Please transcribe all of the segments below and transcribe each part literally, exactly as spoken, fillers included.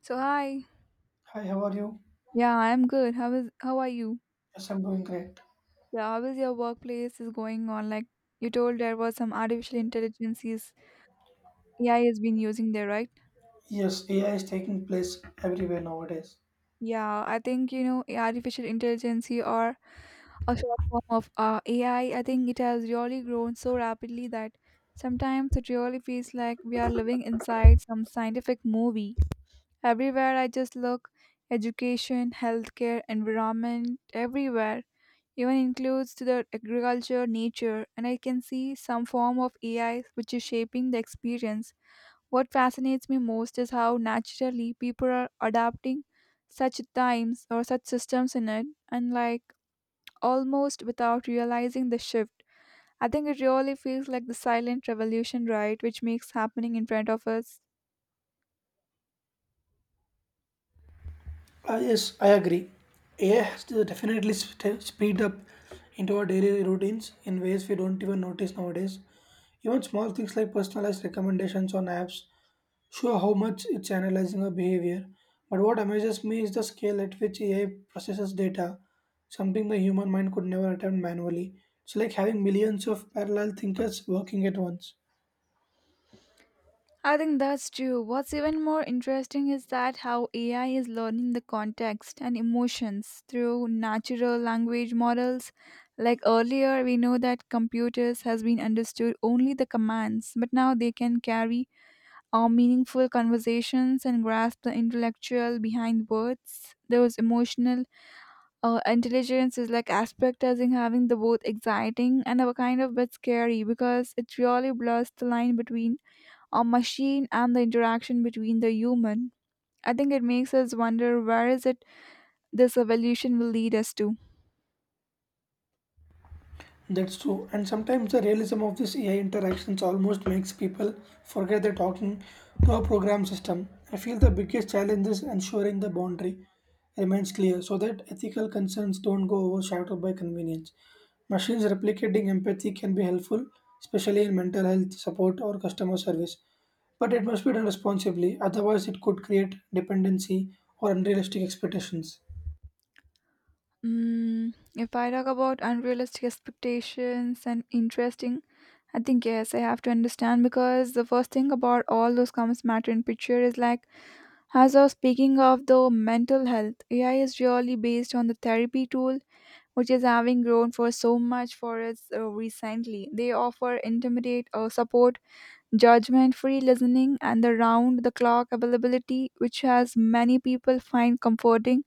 So hi. Hi, how are you? Yeah, I'm good. How is how are you? Yes, I'm doing great. Yeah, how is your workplace is going on? Like you told there was some artificial intelligence is A I has been using there, right? Yes, A I is taking place everywhere nowadays. Yeah, I think you know artificial intelligence or a short form of uh, A I. I I think it has really grown so rapidly that sometimes it really feels like we are living inside some scientific movie. Everywhere I just look, education, healthcare, environment, everywhere even includes to the agriculture, nature, and I can see some form of A I which is shaping the experience. What fascinates me most is how naturally people are adapting such times or such systems in it, and like almost without realizing the shift. I think it really feels like the silent revolution, right, which makes happening in front of us. Uh, yes, I agree. A I has to definitely st- speed up into our daily routines in ways we don't even notice nowadays. Even small things like personalized recommendations on apps show how much it's analyzing our behavior. But what amazes me is the scale at which A I processes data, something the human mind could never attempt manually. It's like having millions of parallel thinkers working at once. I think that's true. What's even more interesting is that how A I is learning the context and emotions through natural language models. Like earlier, we know that computers has been understood only the commands, but now they can carry our meaningful conversations and grasp the intellectual behind words. Those emotional uh, intelligence is like aspect as in having the both exciting and a kind of bit scary because it really blurs the line between a machine and the interaction between the human. I think it makes us wonder where is it this evolution will lead us to. That's true. And sometimes the realism of this A I interactions almost makes people forget they're talking to a program system. I feel the biggest challenge is ensuring the boundary remains clear so that ethical concerns don't go overshadowed by convenience. Machines replicating empathy can be helpful, especially in mental health support or customer service, but it must be done responsibly, otherwise, it could create dependency or unrealistic expectations. Mm, if I talk about unrealistic expectations and interesting, I think yes, I have to understand because the first thing about all those comments matter in picture is like as I was speaking of the mental health, A I is really based on the therapy tool which is having grown for so much for us uh, recently. They offer intimidate or support judgment free listening, and the round the clock availability, which has many people find comforting,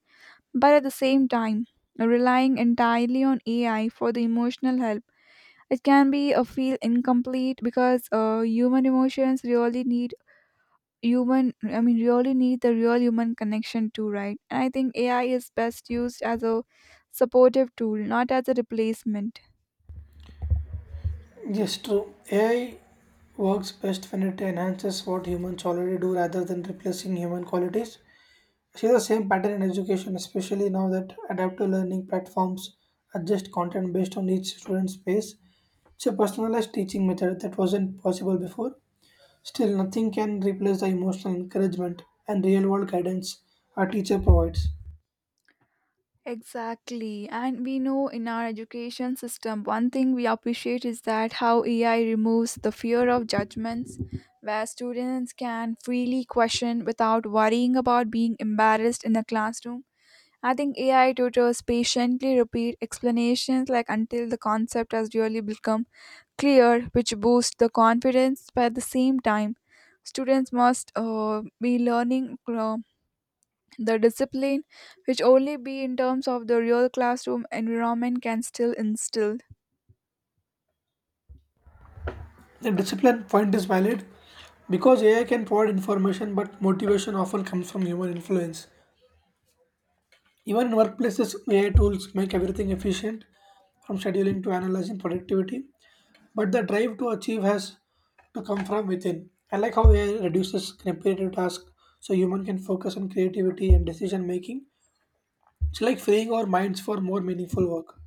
but at the same time, relying entirely on A I for the emotional help. It can be a feel incomplete because uh, human emotions really need human i mean really need the real human connection too, right? And I think AI is best used as a supportive tool, not as a replacement. Yes, true. A I works best when it enhances what humans already do rather than replacing human qualities. See the same pattern in education, especially now that adaptive learning platforms adjust content based on each student's pace. It's a personalized teaching method that wasn't possible before. Still, nothing can replace the emotional encouragement and real world guidance a teacher provides. Exactly. And we know in our education system, one thing we appreciate is that how A I removes the fear of judgments, where students can freely question without worrying about being embarrassed in the classroom. I think A I tutors patiently repeat explanations like until the concept has really become clear, which boosts the confidence. But at the same time, students must uh, be learning the discipline, which only be in terms of the real classroom environment, can still instill. The discipline point is valid because A I can provide information, but motivation often comes from human influence. Even in workplaces, A I tools make everything efficient, from scheduling to analyzing productivity. But the drive to achieve has to come from within. I like how A I reduces repetitive tasks so human can focus on creativity and decision making. It's like freeing our minds for more meaningful work.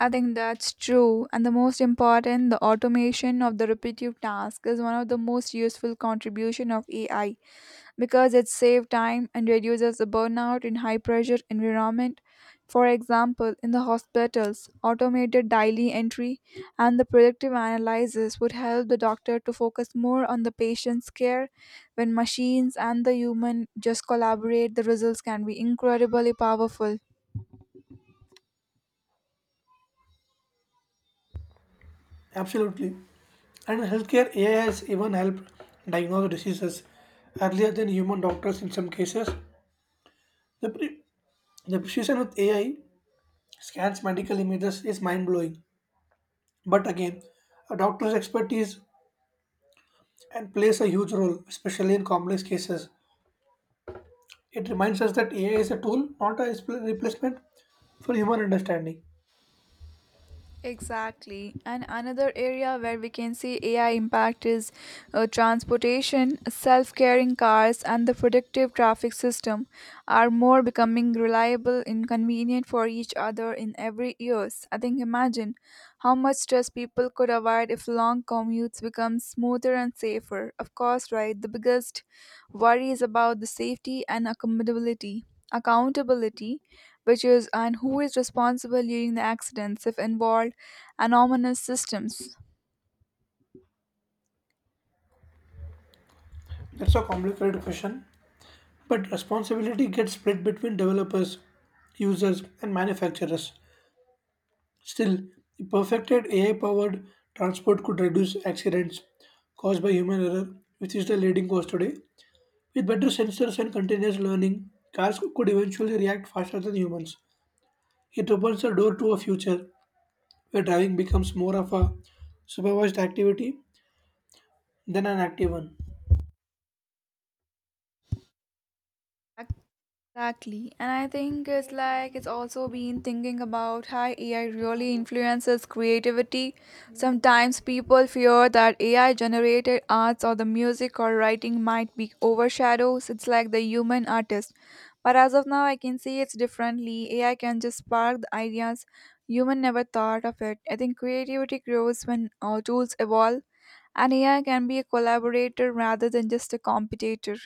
I think that's true. And the most important, the automation of the repetitive task is one of the most useful contribution of A I. Because it saves time and reduces the burnout in high pressure environment. For example, in the hospitals, automated daily entry and the predictive analysis would help the doctor to focus more on the patient's care. When machines and the human just collaborate, the results can be incredibly powerful. Absolutely. And in healthcare, A I has even helped diagnose diseases earlier than human doctors in some cases. The, pre- the precision with A I scans medical images is mind blowing. But again, a doctor's expertise and plays a huge role, especially in complex cases. It reminds us that A I is a tool, not a respl- replacement for human understanding. Exactly. And another area where we can see A I impact is uh, transportation, self carrying cars, and the predictive traffic system are more becoming reliable and convenient for each other in every years. I think imagine how much stress people could avoid if long commutes become smoother and safer. Of course, right, the biggest worry is about the safety and accommodability. Accountability, which is and who is responsible during the accidents if involved anonymous systems. That's a complicated question, but responsibility gets split between developers, users, and manufacturers. Still, the perfected A I-powered transport could reduce accidents caused by human error, which is the leading cause today. With better sensors and continuous learning, cars could eventually react faster than humans. It opens the door to a future where driving becomes more of a supervised activity than an active one. Exactly. And I think it's like it's also been thinking about how A I really influences creativity. Sometimes people fear that A I generated arts or the music or writing might be overshadows. It's like the human artist. But as of now, I can see it's differently. A I can just spark the ideas human never thought of it. I think creativity grows when uh, tools evolve, and A I can be a collaborator rather than just a competitor.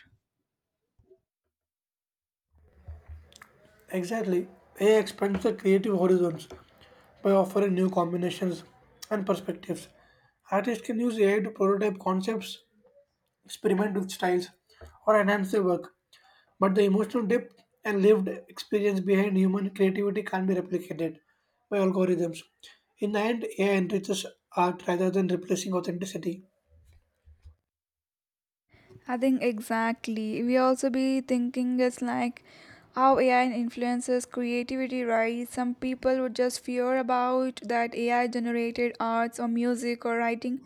Exactly, A I expands the creative horizons by offering new combinations and perspectives. Artists can use A I to prototype concepts, experiment with styles, or enhance their work, but the emotional depth and lived experience behind human creativity can't be replicated by algorithms. In the end, A I enriches art rather than replacing authenticity. I think exactly. We also be thinking it's like how A I influences creativity, right? Some people would just fear about that A I generated arts or music or writing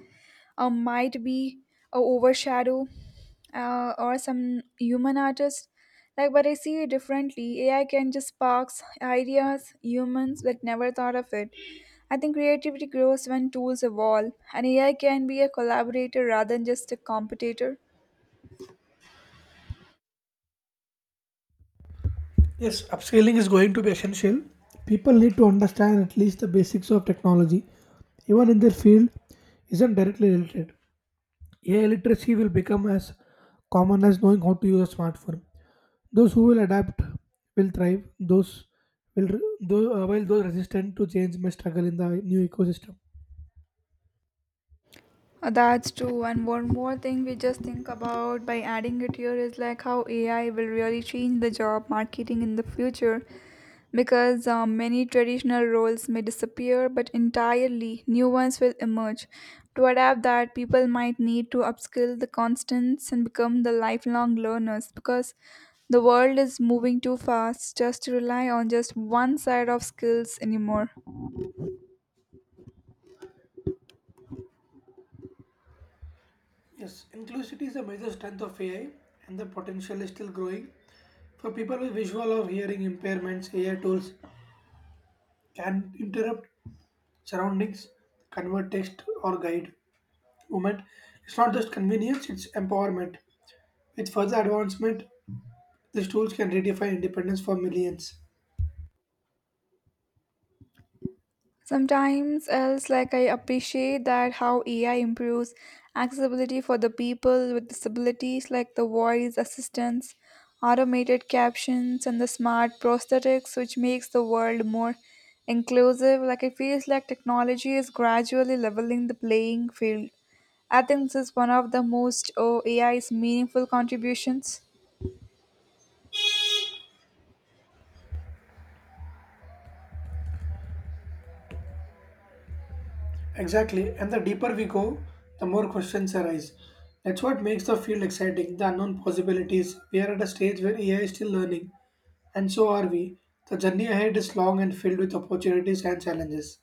or might be a overshadow uh, or some human artist. Like, but I see it differently. A I can just sparks ideas, humans that never thought of it. I think creativity grows when tools evolve, and A I can be a collaborator rather than just a competitor. Yes, upscaling is going to be essential. People need to understand at least the basics of technology, even in their field isn't directly related. A I literacy will become as common as knowing how to use a smartphone. Those who will adapt will thrive. Those will, though, uh, while those resistant to change may struggle in the new ecosystem. Uh, That's true. And one more thing we just think about by adding it here is like how A I will really change the job marketing in the future because uh, many traditional roles may disappear, but entirely new ones will emerge. To adapt that, people might need to upskill the constants and become the lifelong learners because the world is moving too fast just to rely on just one side of skills anymore. Yes, inclusivity is a major strength of A I, and the potential is still growing. For people with visual or hearing impairments, A I tools can interrupt surroundings convert text or guide movement. It's not just convenience, it's empowerment. With further advancement, these tools can redefine independence for millions. Sometimes else like I appreciate that how A I improves accessibility for the people with disabilities like the voice assistants, automated captions and the smart prosthetics which makes the world more inclusive. Like it feels like technology is gradually leveling the playing field. I think this is one of the most oh, A I's meaningful contributions. Exactly, and the deeper we go, the more questions arise. That's what makes the field exciting, the unknown possibilities. We are at a stage where A I is still learning, and so are we. The journey ahead is long and filled with opportunities and challenges.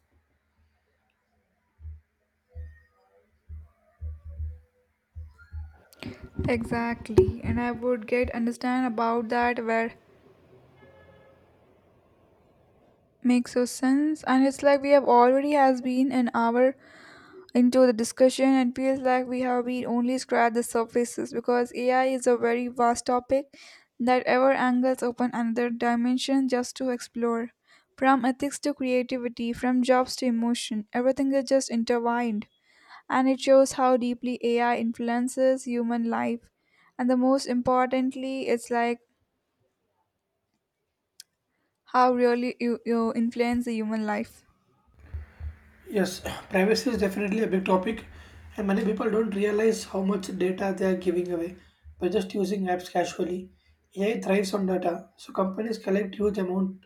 Exactly, and I would get understand about that where makes so sense. And it's like we have already has been an hour into the discussion and feels like we have been only scratched the surfaces because A I is a very vast topic that ever angles open another dimension just to explore. From ethics to creativity, from jobs to emotion, everything is just intertwined. And it shows how deeply A I influences human life. And the most importantly, it's like how really you, you influence the human life. Yes, privacy is definitely a big topic, and many people don't realize how much data they are giving away by just using apps casually. A I thrives on data, so companies collect huge amount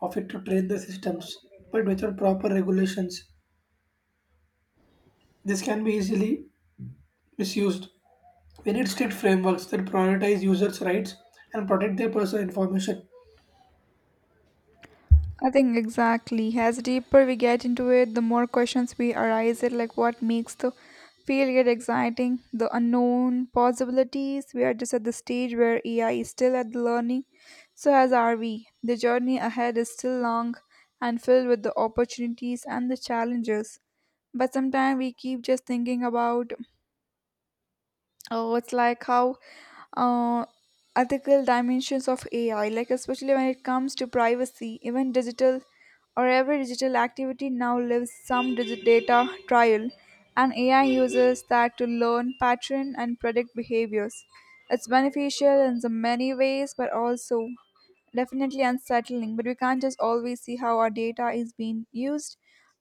of it to train the systems. But without proper regulations, this can be easily misused. We need strict frameworks that prioritize users' rights and protect their personal information. I think exactly. As deeper we get into it, the more questions we arise it like what makes the field get exciting, the unknown possibilities. We are just at the stage where A I is still at the learning, so as are we. The journey ahead is still long and filled with the opportunities and the challenges. But sometimes we keep just thinking about, oh, it's like how uh, ethical dimensions of A I, like especially when it comes to privacy, even digital or every digital activity now lives some digi- data trial, and A I uses that to learn pattern and predict behaviors. It's beneficial in so many ways, but also definitely unsettling. But we can't just always see how our data is being used.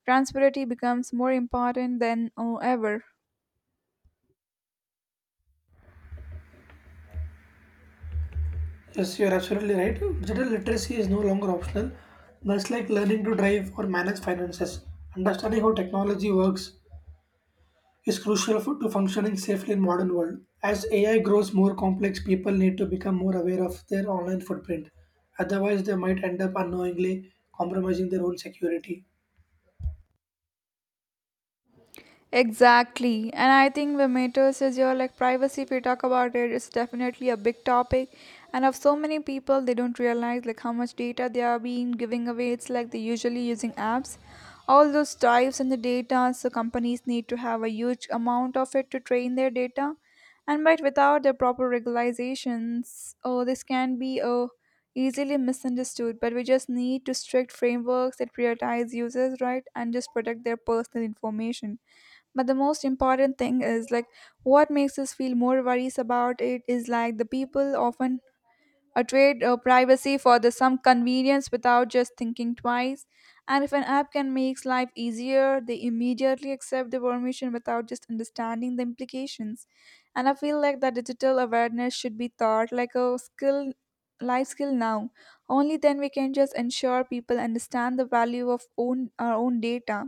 Transparency becomes more important than uh, ever. Yes, you're absolutely right. Digital literacy is no longer optional. Much like learning to drive or manage finances, understanding how technology works is crucial for, to functioning safely in modern world. As A I grows more complex, people need to become more aware of their online footprint. Otherwise, they might end up unknowingly compromising their own security. Exactly. And I think when matters is your like privacy if we talk about it, it's definitely a big topic. And of so many people they don't realize like how much data they are being giving away. It's like they usually using apps. All those types in the data, so companies need to have a huge amount of it to train their data. And but without the proper regulations, oh this can be oh easily misunderstood, but we just need to strict frameworks that prioritize users, right? And just protect their personal information, but the most important thing is like what makes us feel more worries about it is like the people often uh, trade uh, privacy for the some convenience without just thinking twice, and if an app can make life easier they immediately accept the permission without just understanding the implications, and I feel like that digital awareness should be taught like a skill, life skill now. Only then we can just ensure people understand the value of own our own data.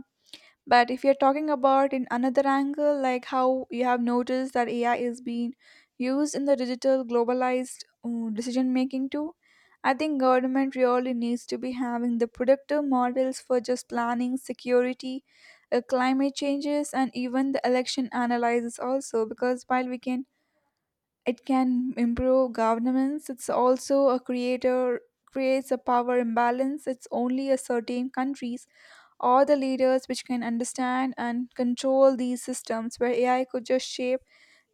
But if you're talking about in another angle, like how you have noticed that A I is being used in the digital globalized uh, decision making too, I think government really needs to be having the productive models for just planning, security, uh, climate changes, and even the election analysis also. Because while we can, it can improve governance. It's also a creator creates a power imbalance. It's only a certain countries or the leaders which can understand and control these systems where A I could just shape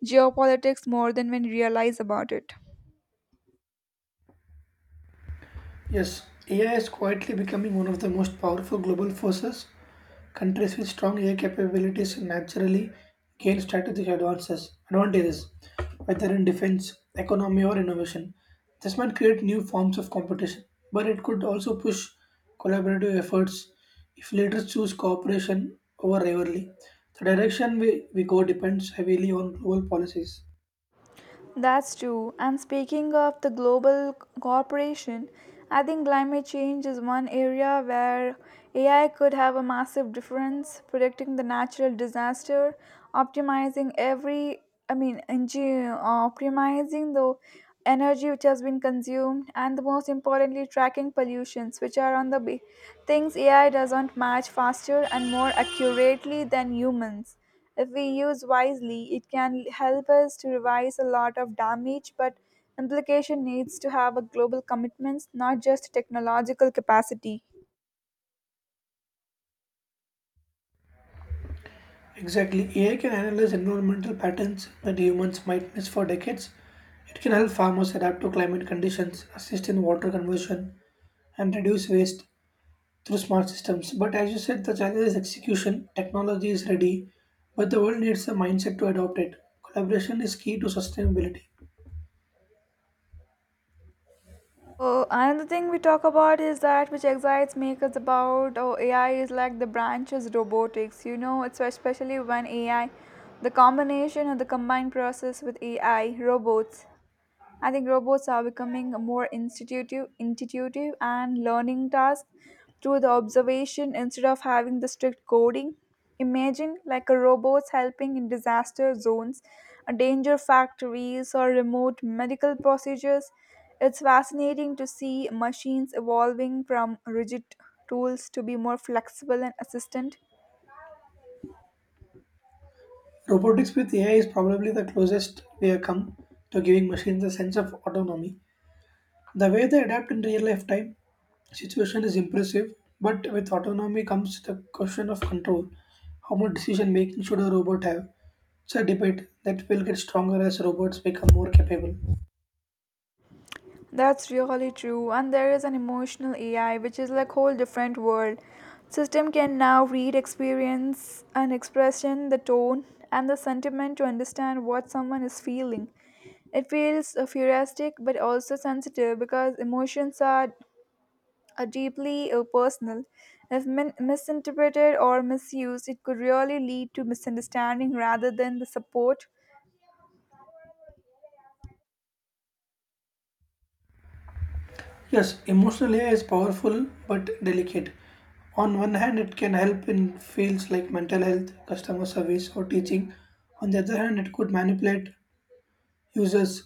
geopolitics more than when realize about it. Yes, A I is quietly becoming one of the most powerful global forces. Countries with strong A I capabilities naturally gain strategic advances, advantages, whether in defense, economy, or innovation. This might create new forms of competition, but it could also push collaborative efforts if leaders choose cooperation over rivalry. The direction we, we go depends heavily on global policies. That's true. And speaking of the global c- cooperation, I think climate change is one area where A I could have a massive difference, predicting the natural disaster, optimizing every, I mean, engi- uh, optimizing the energy which has been consumed, and the most importantly, tracking pollutions, which are on the be- things A I doesn't match faster and more accurately than humans. If we use wisely, it can help us to revise a lot of damage, but implication needs to have a global commitments, not just technological capacity. Exactly. A I can analyze environmental patterns that humans might miss for decades. It can help farmers adapt to climate conditions, assist in water conversion, and reduce waste through smart systems. But as you said, the challenge is execution. Technology is ready, but the world needs a mindset to adopt it. Collaboration is key to sustainability. Oh, another thing we talk about is that which excites make us about oh A I is like the branches robotics. You know, it's especially when A I, the combination of the combined process with A I robots. I think robots are becoming more institutive, intuitive and learning tasks through the observation instead of having the strict coding. Imagine like a robots helping in disaster zones, uh, danger factories or remote medical procedures. It's fascinating to see machines evolving from rigid tools to be more flexible and assistant. Robotics with A I is probably the closest we have come to giving machines a sense of autonomy. The way they adapt in real life time situation is impressive, but with autonomy comes the question of control. How much decision making should a robot have? It's a debate that will get stronger as robots become more capable. That's really true. And there is an emotional A I which is like whole different world. System can now read experience and expression, the tone and the sentiment to understand what someone is feeling. It feels uh, futuristic but also sensitive because emotions are, are deeply uh, personal. If min- misinterpreted or misused, it could really lead to misunderstanding rather than the support. Yes, emotional A I is powerful but delicate. On one hand, it can help in fields like mental health, customer service, or teaching. On the other hand, it could manipulate users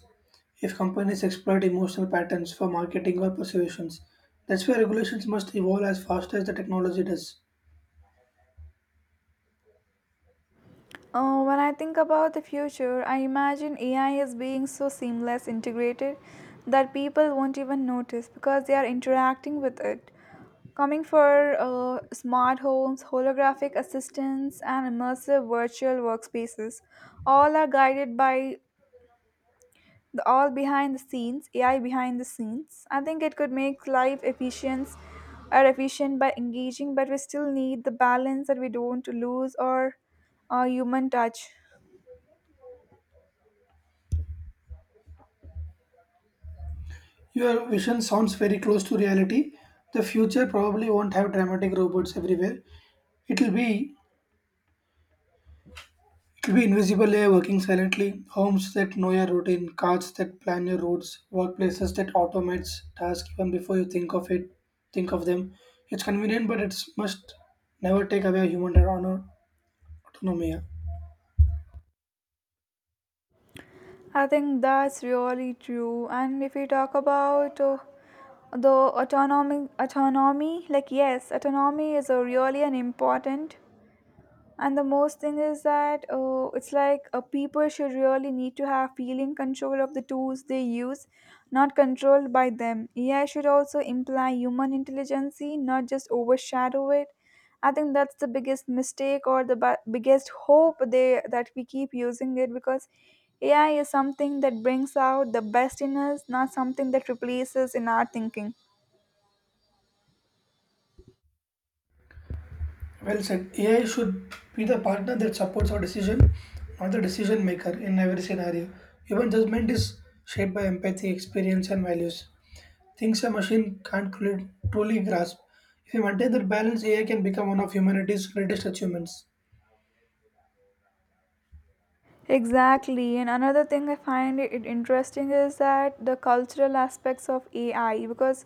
if companies exploit emotional patterns for marketing or persuasions. That's why regulations must evolve as fast as the technology does. Oh, when I think about the future, I imagine A I is being so seamless integrated that people won't even notice because they are interacting with it. Coming for uh, smart homes, holographic assistants, and immersive virtual workspaces, all are guided by the all behind the scenes, A I behind the scenes. I think it could make life efficient or efficient by engaging, but we still need the balance that we don't lose or uh, human touch. Your vision sounds very close to reality. The future probably won't have dramatic robots everywhere. It'll be it'll be invisible A I working silently, homes that know your routine, cars that plan your roads, workplaces that automates tasks even before you think of it, think of them. It's convenient, but it must never take away human autonomy. I think that's really true. And if we talk about uh, the autonomy, autonomy, like yes, autonomy is a really an important and the most thing is that uh, it's like uh, people should really need to have feeling control of the tools they use, not controlled by them. AI should also imply human intelligence, not just overshadow it. I think that's the biggest mistake or the ba- biggest hope they that we keep using it because AI is something that brings out the best in us, not something that replaces in our thinking. Well said. A I should be the partner that supports our decision, not the decision maker in every scenario. Human judgment is shaped by empathy, experience, and values. Things a machine can't cru- truly grasp. If we maintain that balance, A I can become one of humanity's greatest achievements. Exactly. And another thing I find it interesting is that the cultural aspects of A I because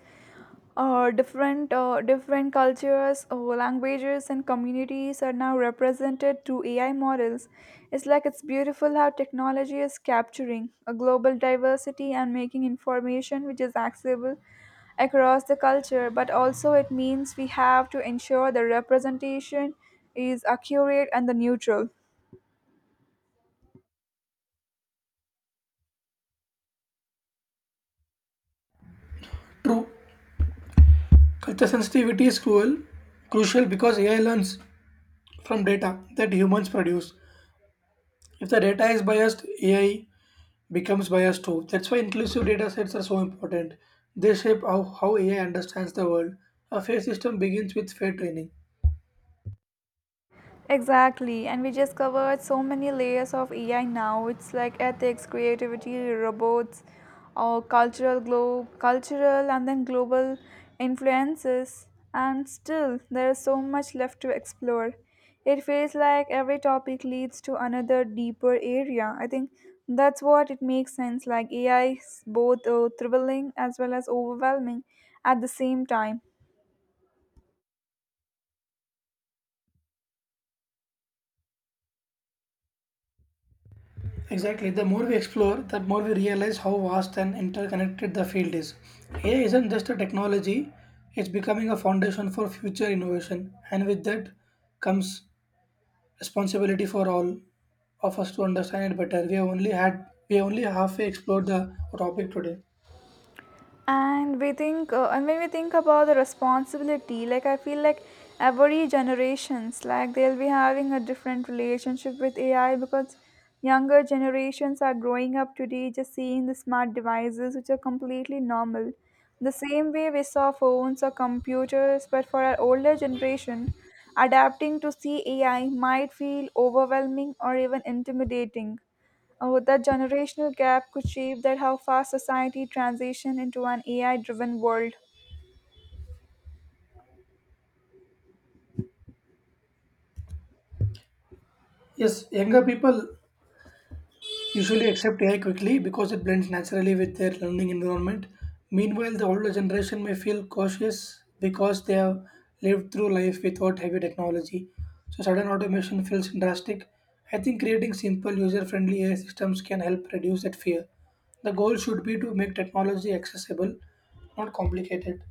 uh, different uh, different cultures, uh, languages, and communities are now represented through A I models. It's like it's beautiful how technology is capturing a global diversity and making information which is accessible across the culture, but also it means we have to ensure the representation is accurate and the neutral. True, culture sensitivity is cruel, crucial because A I learns from data that humans produce. If the data is biased, A I becomes biased too. That's why inclusive data sets are so important. They shape how, how A I understands the world. A fair system begins with fair training. Exactly, and we just covered so many layers of A I now. It's like ethics, creativity, robots, or cultural glo- cultural and then global influences. And still, there is so much left to explore. It feels like every topic leads to another deeper area. I think that's what it makes sense. Like A I is both uh, thrilling as well as overwhelming at the same time. Exactly. The more we explore, the more we realize how vast and interconnected the field is. A I isn't just a technology, it's becoming a foundation for future innovation. And with that comes responsibility for all of us to understand it better. We have only had we have only halfway explored the topic today. and we think uh, and when we think about the responsibility, like I feel like every generations, like they'll be having a different relationship with AI because younger generations are growing up today just seeing the smart devices which are completely normal, the same way we saw phones or computers. But for our older generation, adapting to see AI might feel overwhelming or even intimidating. Oh, that generational gap could shape that how fast society transition into an A I-driven world. Yes, younger people usually accept A I quickly because it blends naturally with their learning environment. Meanwhile, the older generation may feel cautious because they have lived through life without heavy technology. So, sudden automation feels drastic. I think creating simple, user friendly A I systems can help reduce that fear. The goal should be to make technology accessible, not complicated.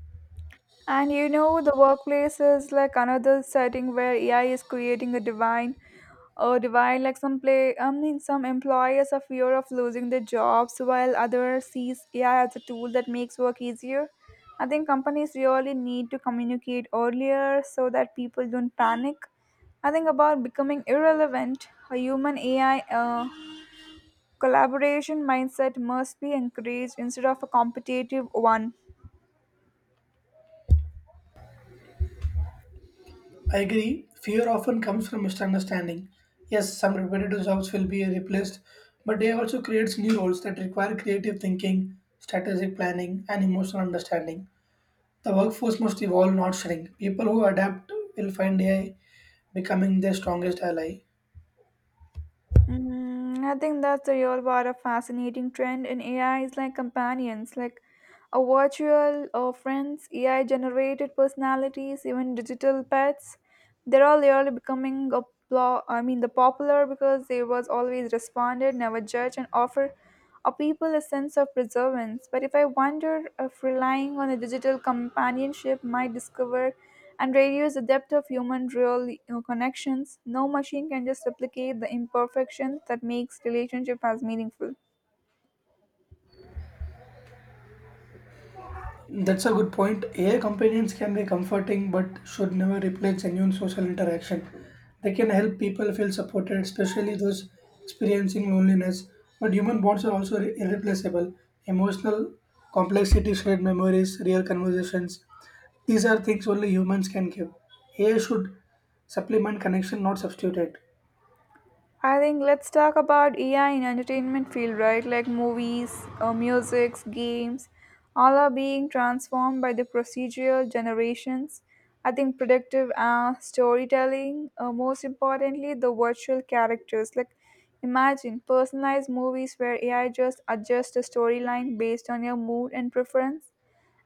And you know, the workplace is like another setting where A I is creating a divine, a divine like some play. I mean, some employers are fear of losing their jobs, while others sees A I as a tool that makes work easier. I think companies really need to communicate earlier so that people don't panic. I think about becoming irrelevant. A human A I uh, collaboration mindset must be encouraged instead of a competitive one. I agree, fear often comes from misunderstanding. Yes, some repetitive jobs will be replaced, but they also creates new roles that require creative thinking, strategic planning, and emotional understanding. The workforce must evolve, not shrink. People who adapt will find A I becoming their strongest ally. Mm, I think that's the real part of fascinating trend in A I is like companions, like a virtual or friends, A I generated personalities, even digital pets. They're all really becoming a plo- I mean the popular because they was always responded, never judge and offer or people a sense of preservance. But if I wonder if relying on a digital companionship might discover and reduce the depth of human real you know, connections, no machine can just replicate the imperfection that makes relationship as meaningful. That's a good point. A I companions can be comforting but should never replace genuine social interaction. They can help people feel supported, especially those experiencing loneliness. But human bonds are also irre- irreplaceable. Emotional complexity, shared memories, real conversations. These are things only humans can give. A I should supplement connection, not substitute it. I think let's talk about A I in entertainment field, right? Like movies, uh, musics, games, all are being transformed by the procedural generations. I think predictive uh, storytelling, uh, most importantly, the virtual characters. Like imagine personalized movies where A I just adjusts the storyline based on your mood and preference.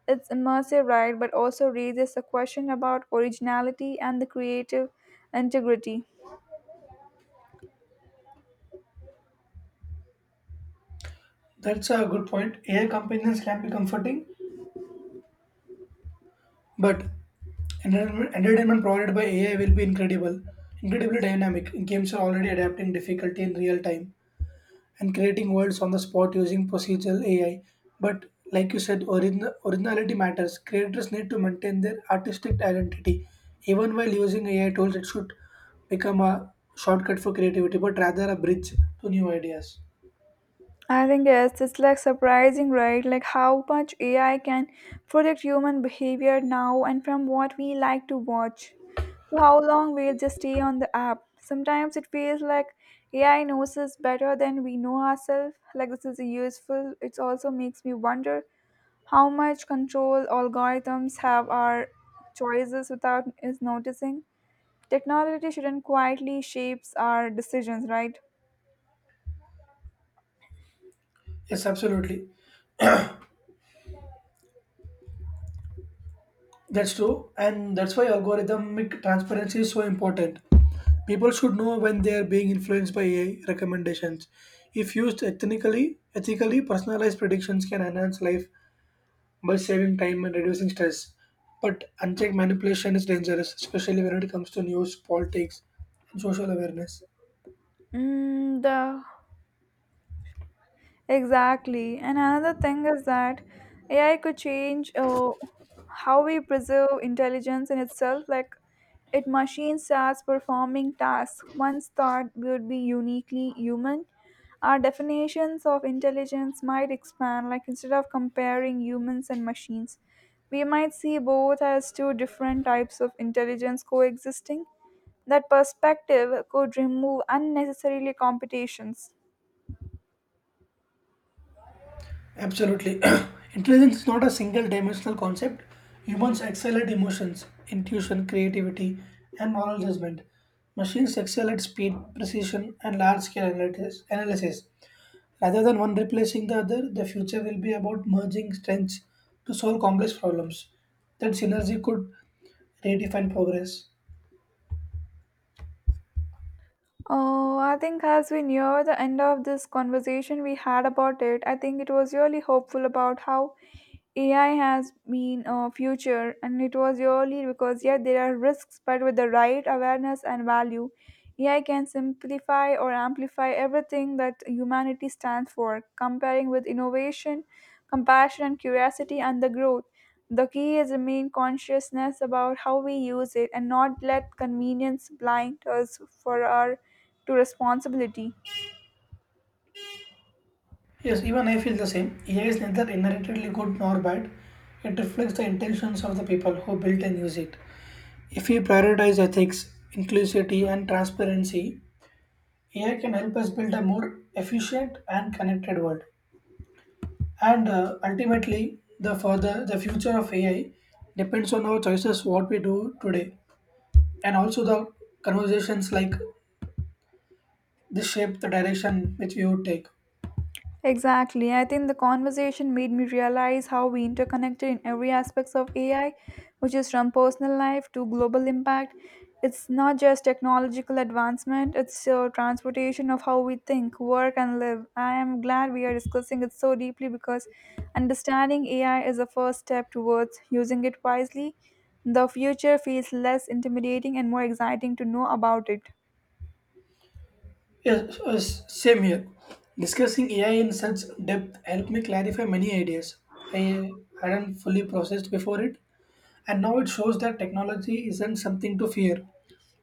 It's immersive, right? But also raises a question about originality and the creative integrity. That's a good point. A I companions can be comforting. But entertainment entertainment provided by A I will be incredible, incredibly dynamic. Games are already adapting difficulty in real time and creating worlds on the spot using procedural A I. But like you said, origin- originality matters. Creators need to maintain their artistic identity. Even while using A I tools, it should become a shortcut for creativity, but rather a bridge to new ideas. I think yes, it's like surprising, right? Like how much A I can predict human behavior now, and from what we like to watch to how long we'll just stay on the app. Sometimes it feels like A I knows us better than we know ourselves. Like this is useful. It also makes me wonder how much control algorithms have our choices without us noticing. Technology shouldn't quietly shapes our decisions, right? Yes, absolutely. That's true, and that's why algorithmic transparency is so important. People should know when they are being influenced by A I recommendations. If used ethically, ethically personalized predictions can enhance life by saving time and reducing stress. But unchecked manipulation is dangerous, especially when it comes to news, politics, and social awareness. Mm, the Exactly. And another thing is that A I could change uh, how we preserve intelligence in itself. Like, it machine starts performing tasks once thought would be uniquely human. Our definitions of intelligence might expand, like, instead of comparing humans and machines, we might see both as two different types of intelligence coexisting. That perspective could remove unnecessarily competitions. Absolutely. Intelligence is not a single dimensional concept. Humans excel at emotions, intuition, creativity, and moral judgment. Machines excel at speed, precision, and large scale analysis. analysis. Rather than one replacing the other, the future will be about merging strengths to solve complex problems. That synergy could redefine progress. Oh, I think as we near the end of this conversation we had about it, I think it was really hopeful about how A I has been a future, and it was really because yeah, there are risks, but with the right awareness and value, A I can simplify or amplify everything that humanity stands for. Comparing with innovation, compassion, and curiosity, and the growth, the key is remain consciousness about how we use it and not let convenience blind us for our to responsibility. Yes, even I feel the same. A I is neither inherently good nor bad. It reflects the intentions of the people who built and use it. If we prioritize ethics, inclusivity, and transparency, A I can help us build a more efficient and connected world. And uh, Ultimately, the further the future of A I depends on our choices, what we do today, and also the conversations like this shape the direction which we would take. Exactly. I think the conversation made me realize how we interconnected in every aspects of A I, which is from personal life to global impact. It's not just technological advancement, it's a transportation of how we think, work, and live. I am glad we are discussing it so deeply because understanding A I is a first step towards using it wisely. The future feels less intimidating and more exciting to know about it. Yes, yes, same here. Discussing A I in such depth helped me clarify many ideas I hadn't fully processed before it, and now it shows that technology isn't something to fear.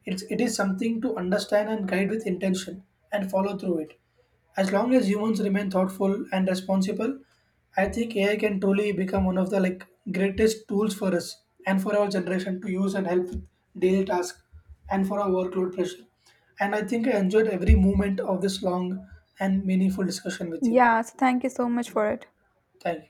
It's, it is something to understand and guide with intention and follow through it. As long as humans remain thoughtful and responsible, I think A I can truly become one of the like greatest tools for us and for our generation to use and help with daily tasks and for our workload pressure. And I think I enjoyed every moment of this long and meaningful discussion with you. Yeah, so thank you so much for it. Thank you.